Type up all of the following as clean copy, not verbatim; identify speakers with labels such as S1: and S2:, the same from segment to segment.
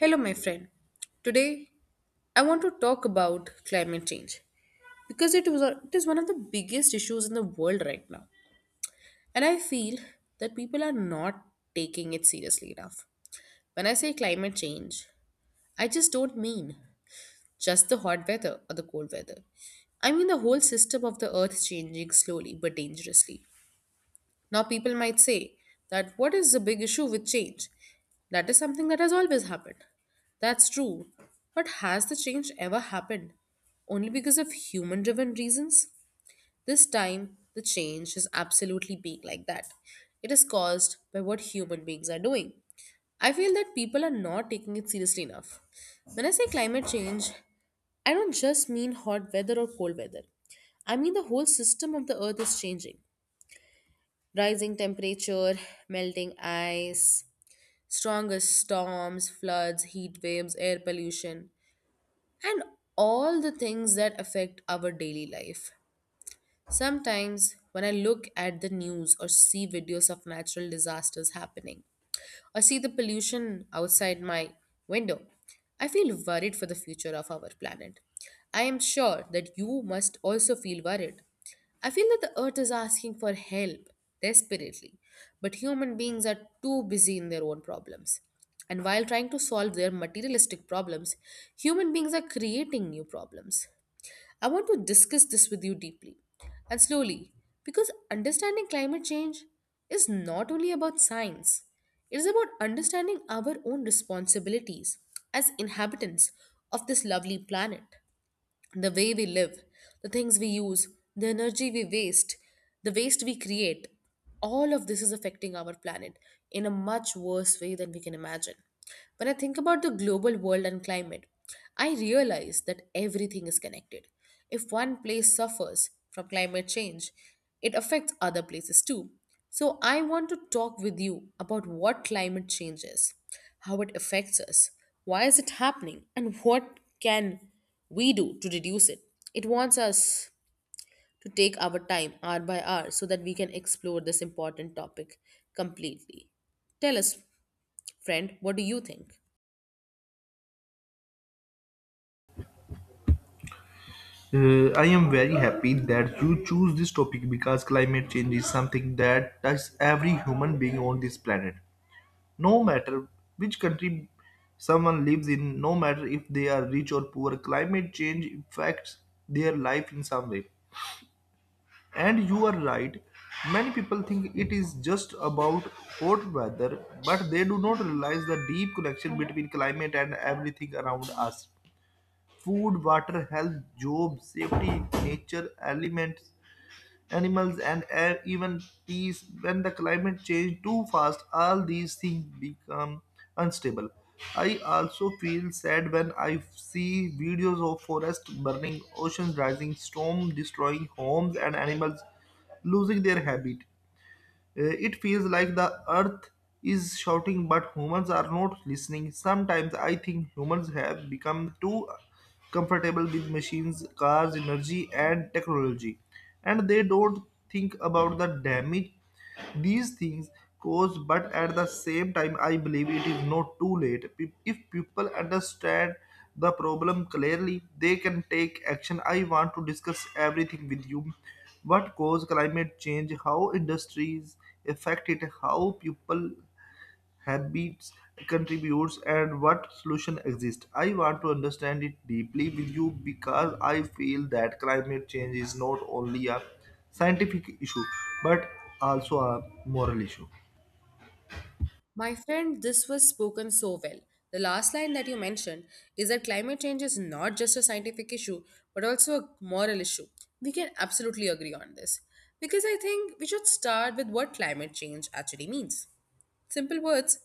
S1: Hello, my friend. Today, I want to talk about climate change because it is one of the biggest issues in the world right now, and I feel that people are not taking it seriously enough. When I say climate change, I just don't mean just the hot weather or the cold weather. I mean the whole system of the earth changing slowly but dangerously. Now, people might say that what is the big issue with change? That is something that has always happened. That's true. But has the change ever happened? Only because of human driven reasons? This time, the change is absolutely being like that. It is caused by what human beings are doing. I feel that people are not taking it seriously enough. When I say climate change, I don't just mean hot weather or cold weather. I mean the whole system of the earth is changing. Rising temperature, melting ice, stronger storms, floods, heat waves, air pollution, and all the things that affect our daily life. Sometimes, when I look at the news or see videos of natural disasters happening, or see the pollution outside my window. I feel worried for the future of our planet. I am sure that you must also feel worried. I feel that the earth is asking for help desperately, but human beings are too busy in their own problems. And while trying to solve their materialistic problems, human beings are creating new problems. I want to discuss this with you deeply and slowly because understanding climate change is not only about science, it is about understanding our own responsibilities as inhabitants of this lovely planet, the way we live, the things we use, the energy we waste, the waste we create, all of this is affecting our planet in a much worse way than we can imagine. When I think about the global world and climate, I realize that everything is connected. If one place suffers from climate change, it affects other places too. So, I want to talk with you about what climate change is, how it affects us, why is it happening, and what can we do to reduce it. It wants us to take our time hour by hour so that we can explore this important topic completely. Tell us, friend, what do you think?
S2: I am very happy that you choose this topic because climate change is something that touches every human being on this planet. No matter which country someone lives in, no matter if they are rich or poor, climate change affects their life in some way. And you are right, many people think it is just about hot weather, but they do not realize the deep connection between climate and everything around us. Food, water, health, job, safety, nature, elements, animals, and air, even peace. When the climate change too fast, all these things become unstable. I also feel sad when I see videos of forests burning, oceans rising, storm destroying homes, and animals losing their habit. It feels like the earth is shouting, but humans are not listening. Sometimes I think humans have become too comfortable with machines, cars, energy, and technology, and they don't think about the damage these things cause, but at the same time, I believe it is not too late. If people understand the problem clearly, they can take action. I want to discuss everything with you. What cause climate change, how industries affect it, how people habits, contributes, and what solution exist. I want to understand it deeply with you because I feel that climate change is not only a scientific issue but also a moral issue.
S1: My friend, this was spoken so well. The last line that you mentioned is that climate change is not just a scientific issue, but also a moral issue. We can absolutely agree on this. Because I think we should start with what climate change actually means. Simple words,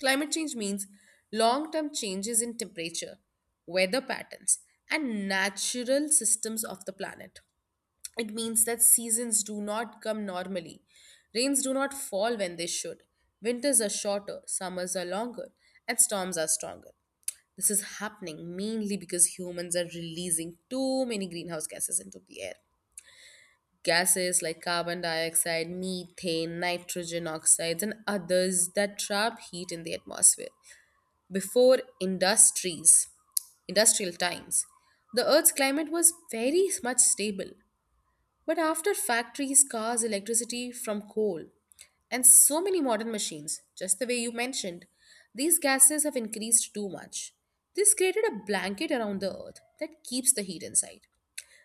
S1: climate change means long term changes in temperature, weather patterns, and natural systems of the planet. It means that seasons do not come normally, rains do not fall when they should, winters are shorter, summers are longer, and storms are stronger. This is happening mainly because humans are releasing too many greenhouse gases into the air. Gases like carbon dioxide, methane, nitrogen oxides, and others that trap heat in the atmosphere. Before industries, industrial times, the Earth's climate was very much stable. But after factories, cars, electricity from coal, and so many modern machines, just the way you mentioned, these gases have increased too much. This created a blanket around the Earth that keeps the heat inside,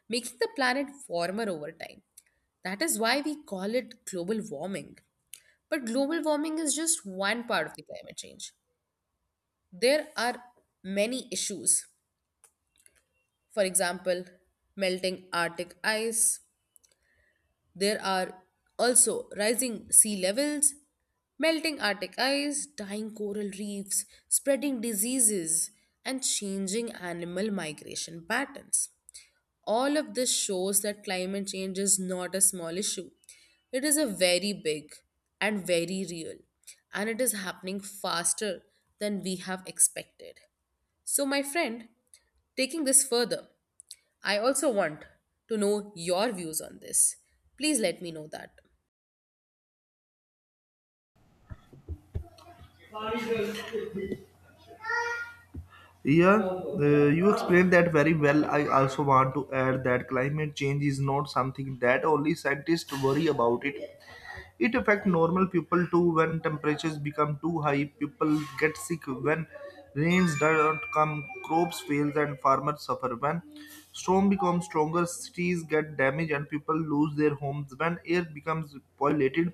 S1: making the planet warmer over time. That is why we call it global warming. But global warming is just one part of the climate change. There are many issues. For example, melting Arctic ice. There are also rising sea levels, melting Arctic ice, dying coral reefs, spreading diseases, and changing animal migration patterns. All of this shows that climate change is not a small issue. It is a very big and very real, and it is happening faster than we have expected. So, my friend, taking this further, I also want to know your views on this. Please let me know that.
S2: Yeah, you explained that very well. I also want to add that climate change is not something that only scientists worry about it. It affects normal people too when temperatures become too high, people get sick when rains don't come, crops fail and farmers suffer. When storm becomes stronger, cities get damaged and people lose their homes. When air becomes polluted,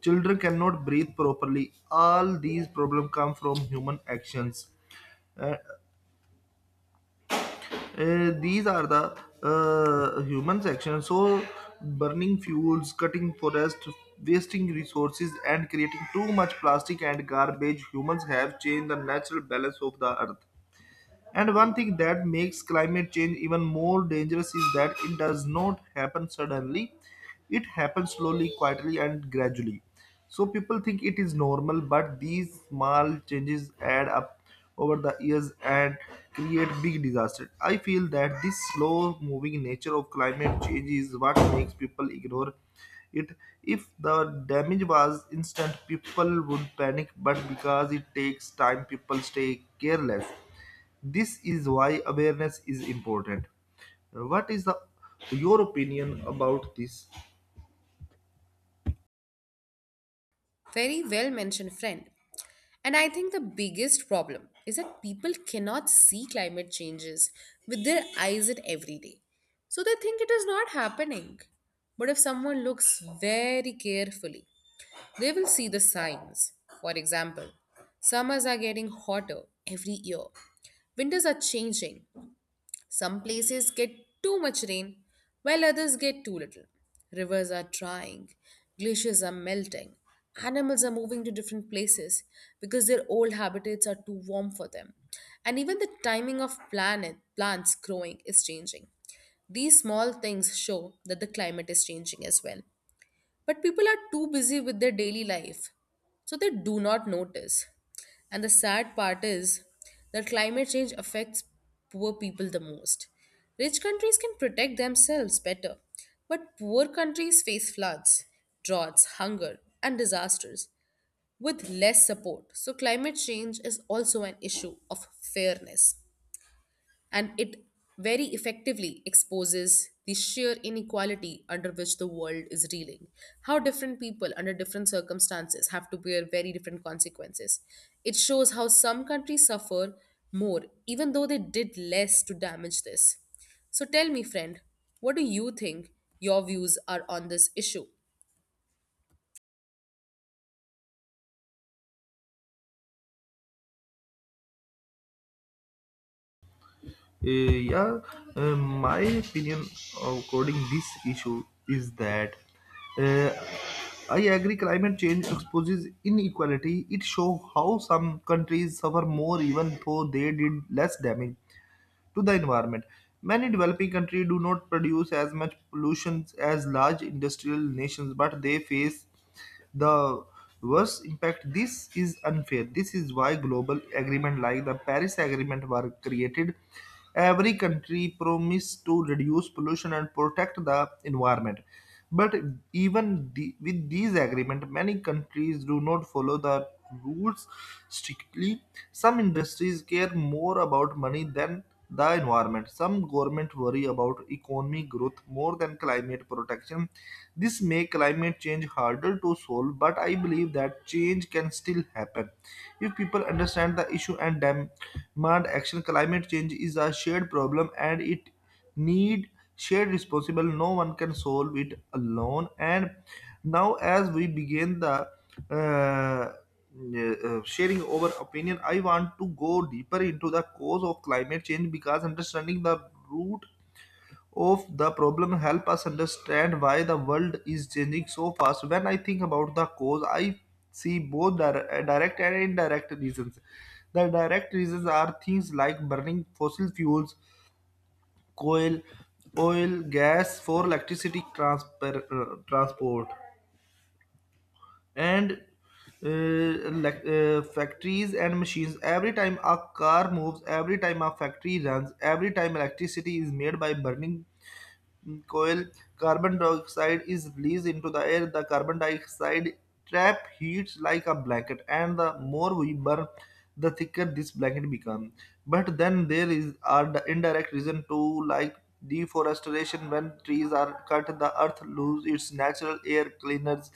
S2: children cannot breathe properly. All these problems come from human actions. Uh, these are the human section. So, burning fuels, cutting forests, wasting resources, and creating too much plastic and garbage, humans have changed the natural balance of the earth. And one thing that makes climate change even more dangerous is that it does not happen suddenly. It happens slowly, quietly, and gradually. So people think it is normal, but these small changes add up over the years and create big disasters. I feel that this slow moving nature of climate change is what makes people ignore it. If the damage was instant people would panic but because it takes time people stay careless. This is why awareness is important. What is the your opinion about this?
S1: Very well mentioned, friend. And I think the biggest problem is that people cannot see climate changes with their eyes at every day. So they think it is not happening. But if someone looks very carefully, they will see the signs. For example, summers are getting hotter every year, winters are changing, some places get too much rain, while others get too little. Rivers are drying, glaciers are melting, animals are moving to different places because their old habitats are too warm for them. And even the timing of planet plants growing is changing. These small things show that the climate is changing as well. But people are too busy with their daily life, so they do not notice. And the sad part is that climate change affects poor people the most. Rich countries can protect themselves better, but poor countries face floods, droughts, hunger, and disasters with less support. So, climate change is also an issue of fairness and it very effectively exposes the sheer inequality under which the world is reeling. How different people under different circumstances have to bear very different consequences. It shows how some countries suffer more, even though they did less to damage this. So tell me, friend, what do you think your views are on this issue?
S2: Uh, yeah, my opinion according this issue is that uh, I agree climate change exposes inequality. It shows how some countries suffer more even though they did less damage to the environment. Many developing countries do not produce as much pollution as large industrial nations, but they face the worst impact. This is unfair. This is why global agreements like the Paris Agreement were created. Every country promised to reduce pollution and protect the environment but with these agreements, many countries do not follow the rules strictly. Some industries care more about money than the environment. Some governments worry about economic growth more than climate protection. This makes climate change harder to solve, but I believe that change can still happen. If people understand the issue and demand action, climate change is a shared problem and it need shared responsible. No one can solve it alone. And now as we begin the uh, sharing our opinion, I want to go deeper into the cause of climate change because understanding the root of the problem help us understand why the world is changing so fast. When I think about the cause I see both direct and indirect reasons. The direct reasons are things like burning fossil fuels, coal, oil, gas for electricity, transport, and uh, factories and machines. Every time a car moves, every time a factory runs, every time electricity is made by burning coal, carbon dioxide is released into the air. The carbon dioxide trap heat like a blanket, and the more we burn, the thicker this blanket becomes. But then there is are the indirect reason too, like deforestation. When trees are cut, the earth loses its natural air cleaners.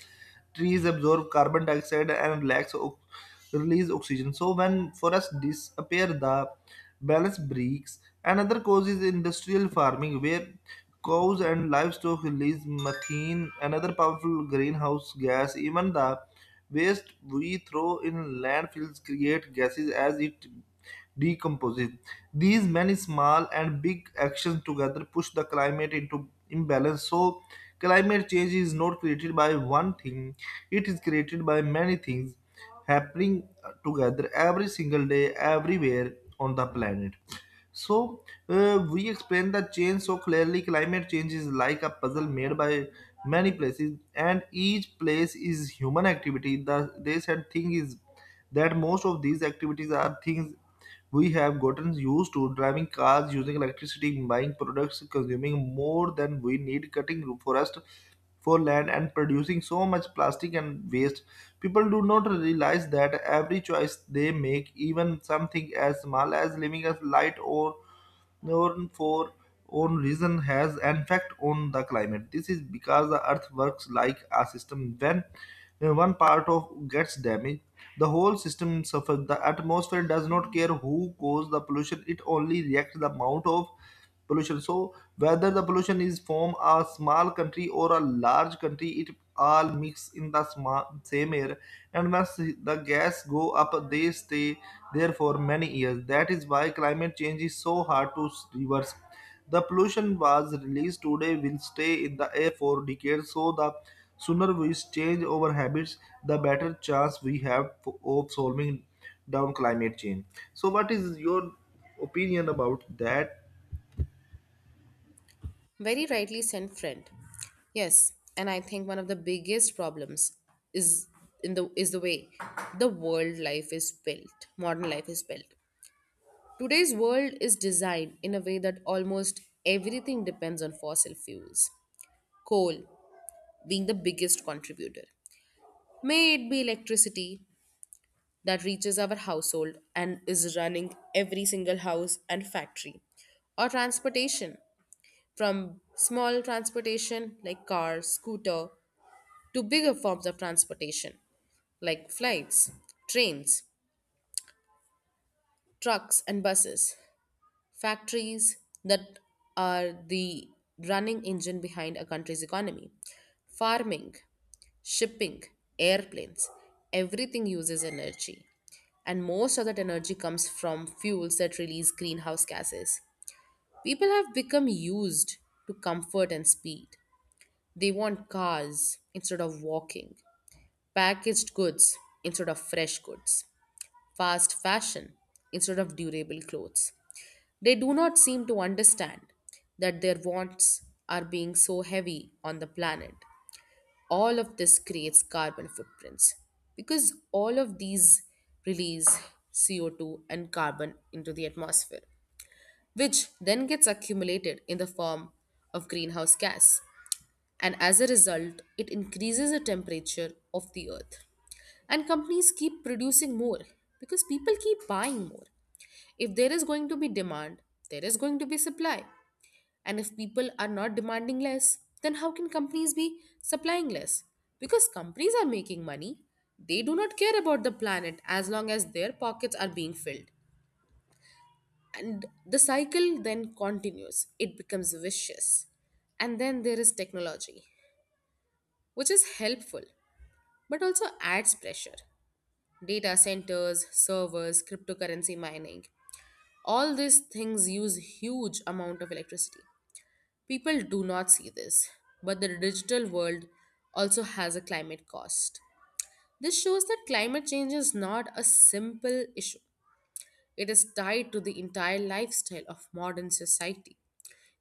S2: Trees absorb carbon dioxide and release oxygen. So when forests disappear the balance breaks. Another cause is industrial farming where cows and livestock release methane, another powerful greenhouse gas. Even the waste we throw in landfills create gases as it decomposing. These many small and big actions together push the climate into imbalance. So, climate change is not created by one thing, it is created by many things happening together every single day, everywhere on the planet. So we explain the change so clearly. Climate change is like a puzzle made by many places, and each place is human activity. The they said thing is that most of these activities are things we have gotten used to: driving cars, using electricity, buying products, consuming more than we need, cutting forest for land, and producing so much plastic and waste. People do not realize that every choice they make, even something as small as living a light or known for own reason, has an effect on the climate. This is because the earth works like a system. When one part of gets damaged, the whole system suffers. The atmosphere does not care who caused the pollution, it only reacts the amount of pollution. So whether the pollution is from a small country or a large country it all mix in the same air. And once the gas go up they stay there for many years. That is why climate change is so hard to reverse. The pollution was released today will stay in the air for decades. So the sooner we change our habits, the better chance we have of solving down climate change. So what is your opinion about that?
S1: Very rightly sent friend. Yes, and I think one of the biggest problems is in the is the way the world life is built. Modern life is built. Today's world is designed in a way that almost everything depends on fossil fuels. Coal being the biggest contributor. May it be electricity that reaches our household and is running every single house and factory, or transportation from small transportation like car, scooter to bigger forms of transportation like flights, trains, trucks, and buses, factories that are the running engine behind a country's economy, farming, shipping, airplanes, everything uses energy. And most of that energy comes from fuels that release greenhouse gases. People have become used to comfort and speed. They want cars instead of walking, packaged goods instead of fresh goods, fast fashion instead of durable clothes. They do not seem to understand that their wants are being so heavy on the planet. All of this creates carbon footprints because all of these release CO2 and carbon into the atmosphere, which then gets accumulated in the form of greenhouse gas. And as a result, it increases the temperature of the earth. And companies keep producing more because people keep buying more. If there is going to be demand, there is going to be supply. And if people are not demanding less, then how can companies be supplying less? Because companies are making money. They do not care about the planet as long as their pockets are being filled. And the cycle then continues, it becomes vicious. And then there is technology, which is helpful but also adds pressure. Data centers, servers, cryptocurrency mining, all these things use huge amount of electricity. People do not see this, but the digital world also has a climate cost. This shows that climate change is not a simple issue, it is tied to the entire lifestyle of modern society.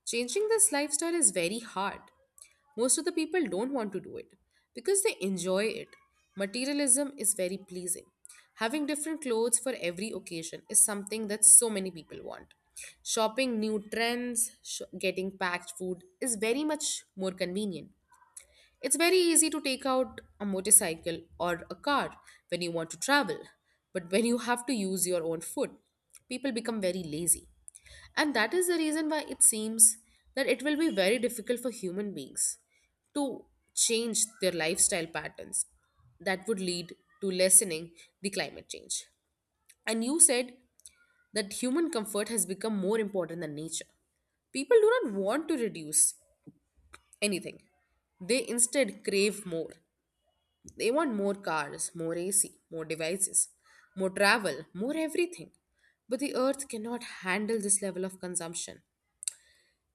S1: Changing this lifestyle is very hard. Most of the people don't want to do it because they enjoy it. Materialism is very pleasing. Having different clothes for every occasion is something that so many people want. Shopping new trends, getting packed food is very much more convenient. It's very easy to take out a motorcycle or a car when you want to travel, but when you have to use your own foot, people become very lazy. And that is the reason why it seems that it will be very difficult for human beings to change their lifestyle patterns that would lead to lessening the climate change. And you said that human comfort has become more important than nature. People do not want to reduce anything, they instead crave more. They want more cars, more AC, more devices, more travel, more everything. But the earth cannot handle this level of consumption.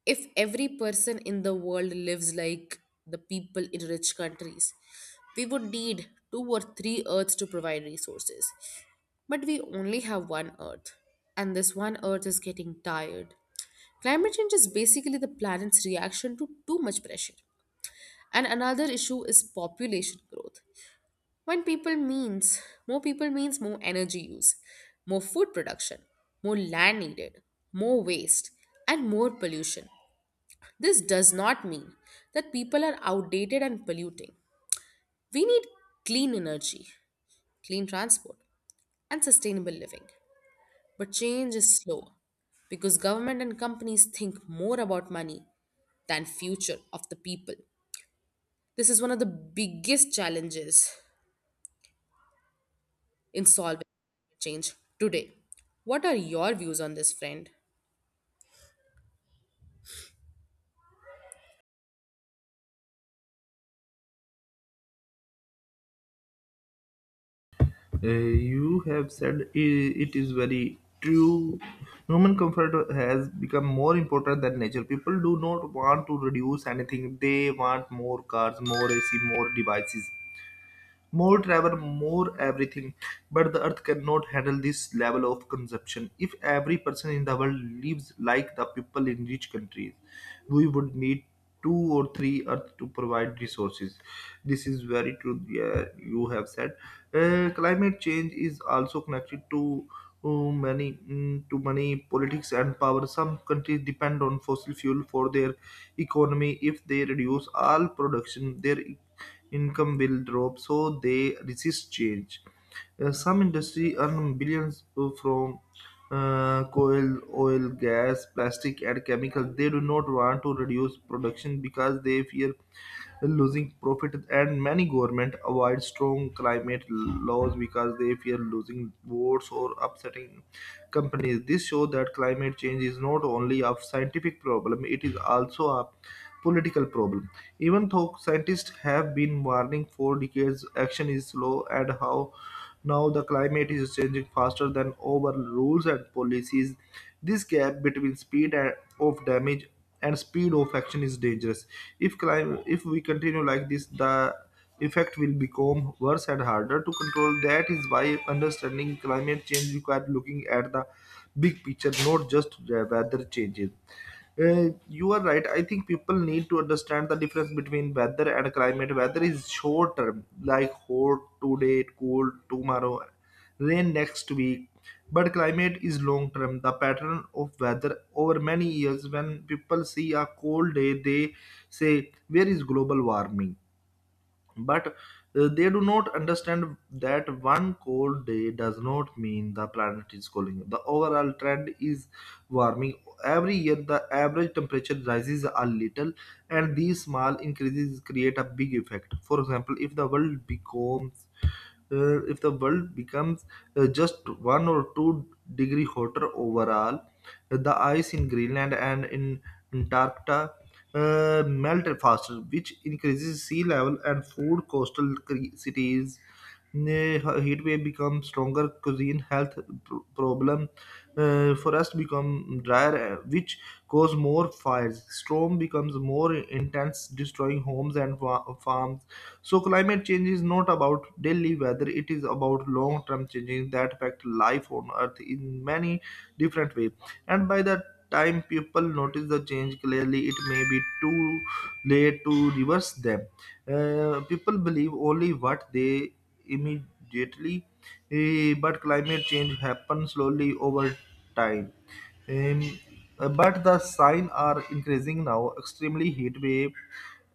S1: If every person in the world lives like the people in rich countries, we would need two or three earths to provide resources. But we only have one earth, and this one earth is getting tired. Climate change is basically the planet's reaction to too much pressure. And another issue is population growth. When people means More people means more energy use, more food production, more land needed, more waste, and more pollution. This does not mean that people are outdated and polluting. We need clean energy, clean transport, and sustainable living. But change is slow because government and companies think more about money than future of the people. This is one of the biggest challenges in solving climate change today. What are your views on this, friend?
S2: Uh, you have said it is very true. Human comfort has become more important than nature. People do not want to reduce anything. They want more cars, more AC, more devices. More travel, more everything. But the earth cannot handle this level of consumption. If every person in the world lives like the people in rich countries, we would need two or three earth to provide resources. This is very true, yeah, you have said. Climate change is also connected to uh, to many politics and power. Some countries depend on fossil fuel for their economy. If they reduce all production, their income will drop, so they resist change. Some industry earn billions from coal, oil, gas, plastic, and chemical. They do not want to reduce production because they fear losing profit, and many government avoid strong climate laws because they fear losing votes or upsetting companies. This shows that climate change is not only a scientific problem; it is also a political problem. Even though scientists have been warning for decades, action is slow and how now the climate is changing faster than our rules and policies. This gap between of damage and speed of action is dangerous. If if we continue like this, the effect will become worse and harder to control. That is why understanding climate change requires looking at the big picture, not just the weather changes. You are right. I think people need to understand the difference between weather and climate. Weather is short term, like hot today, cold tomorrow, rain next week. But climate is long term, the pattern of weather over many years. When people see a cold day, they say, "Where is global warming?" but they do not understand that one cold day does not mean the planet is cooling. The overall trend is warming. Every year the average temperature rises a little, and these small increases create a big effect. For example, if the world becomes uh, if the world becomes just one or two-degree hotter overall, the ice in Greenland and in Antarctica melt faster, which increases sea level and food coastal cities. Heat wave becomes stronger, cuisine health problem, forests become drier, which cause more fires. Storm becomes more intense, destroying homes and farms. So climate change is not about daily weather; it is about long-term changes that affect life on Earth in many different ways. And by the time people notice the change clearly, it may be too late to reverse them. People believe only what they immediately, eh, but climate change happens slowly over time. Um, but the signs are increasing now. Extremely heat wave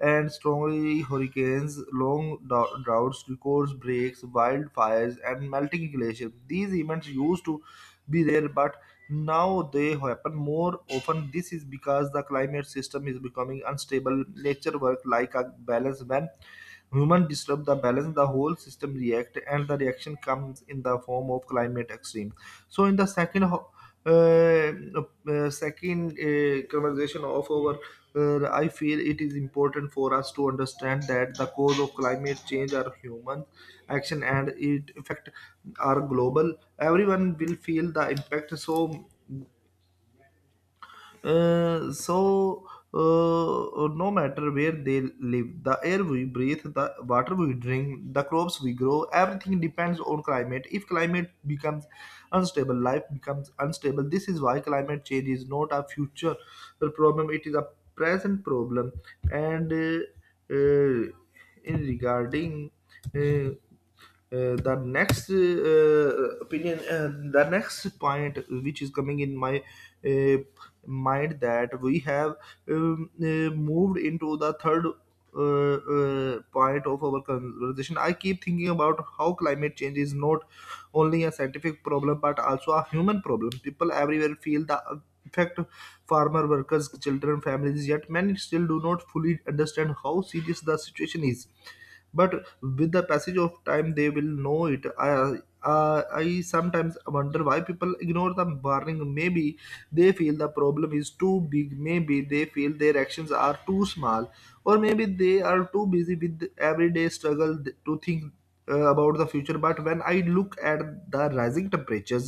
S2: and strongly hurricanes, long droughts, records breaks, wildfires, and melting glaciers. These events used to be rare, but now they happen more often. This is because the climate system is becoming unstable. Nature works like a balance. When human disturb the balance, the whole system react, and the reaction comes in the form of climate extreme. So in the second uh, second conversation of our I feel it is important for us to understand that the cause of climate change are human action and it effect are global. Everyone will feel the impact. So uh, so no matter where they live, the air we breathe, the water we drink, the crops we grow, everything depends on climate. If climate becomes unstable, life becomes unstable. This is why climate change is not a future problem; it is a present problem. And in regarding uh, uh, the next uh, uh, opinion uh, the next point which is coming in my uh, mind that we have moved into the third point of our conversation. I keep thinking about how climate change is not only a scientific problem but also a human problem. People everywhere feel the effect: farmer workers, children, families. Yet many still do not fully understand how serious the situation is, but with the passage of time they will know it. I sometimes wonder why people ignore the warning. Maybe they feel the problem is too big, maybe they feel their actions are too small, or maybe they are too busy with the everyday struggle to think about the future. But when I look at the rising temperatures,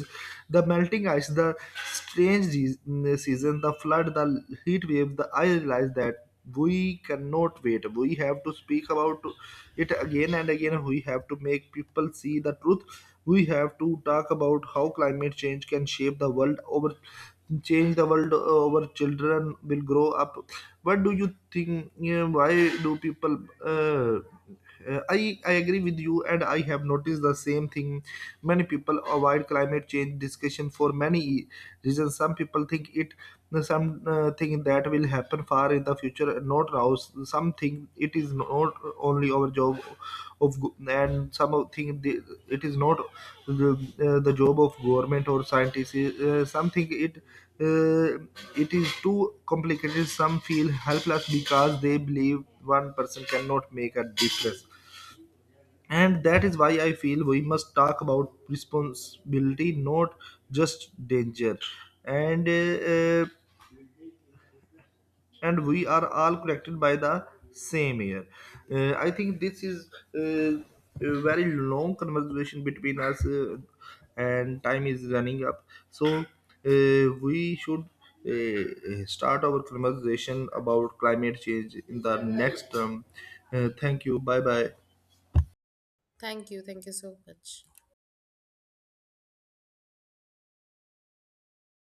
S2: the melting ice, the strange season, the flood, the heat wave, the, I realize that we cannot wait. We have to speak about it again and again. We have to make people see the truth. We have to talk about how climate change can shape the world over, change the world over. Children will grow up. What do you think? Yeah, why do people uh, I agree with you and I have noticed the same thing. Many people avoid climate change discussion for many reasons. Some people think it the some that will happen far in the future, not rouse something. It is not only our job of and something the- it is not the, the job of government or scientists, something it uh, it is too complicated. Some feel helpless because they believe one person cannot make a difference. And that is why I feel we must talk about responsibility, not just danger. And and we are all connected by the same air. I think this is uh, a very long conversation between us, and time is running up. So we should start our conversation about climate change in the next term. Thank you. Bye bye.
S1: Thank you. Thank you so much.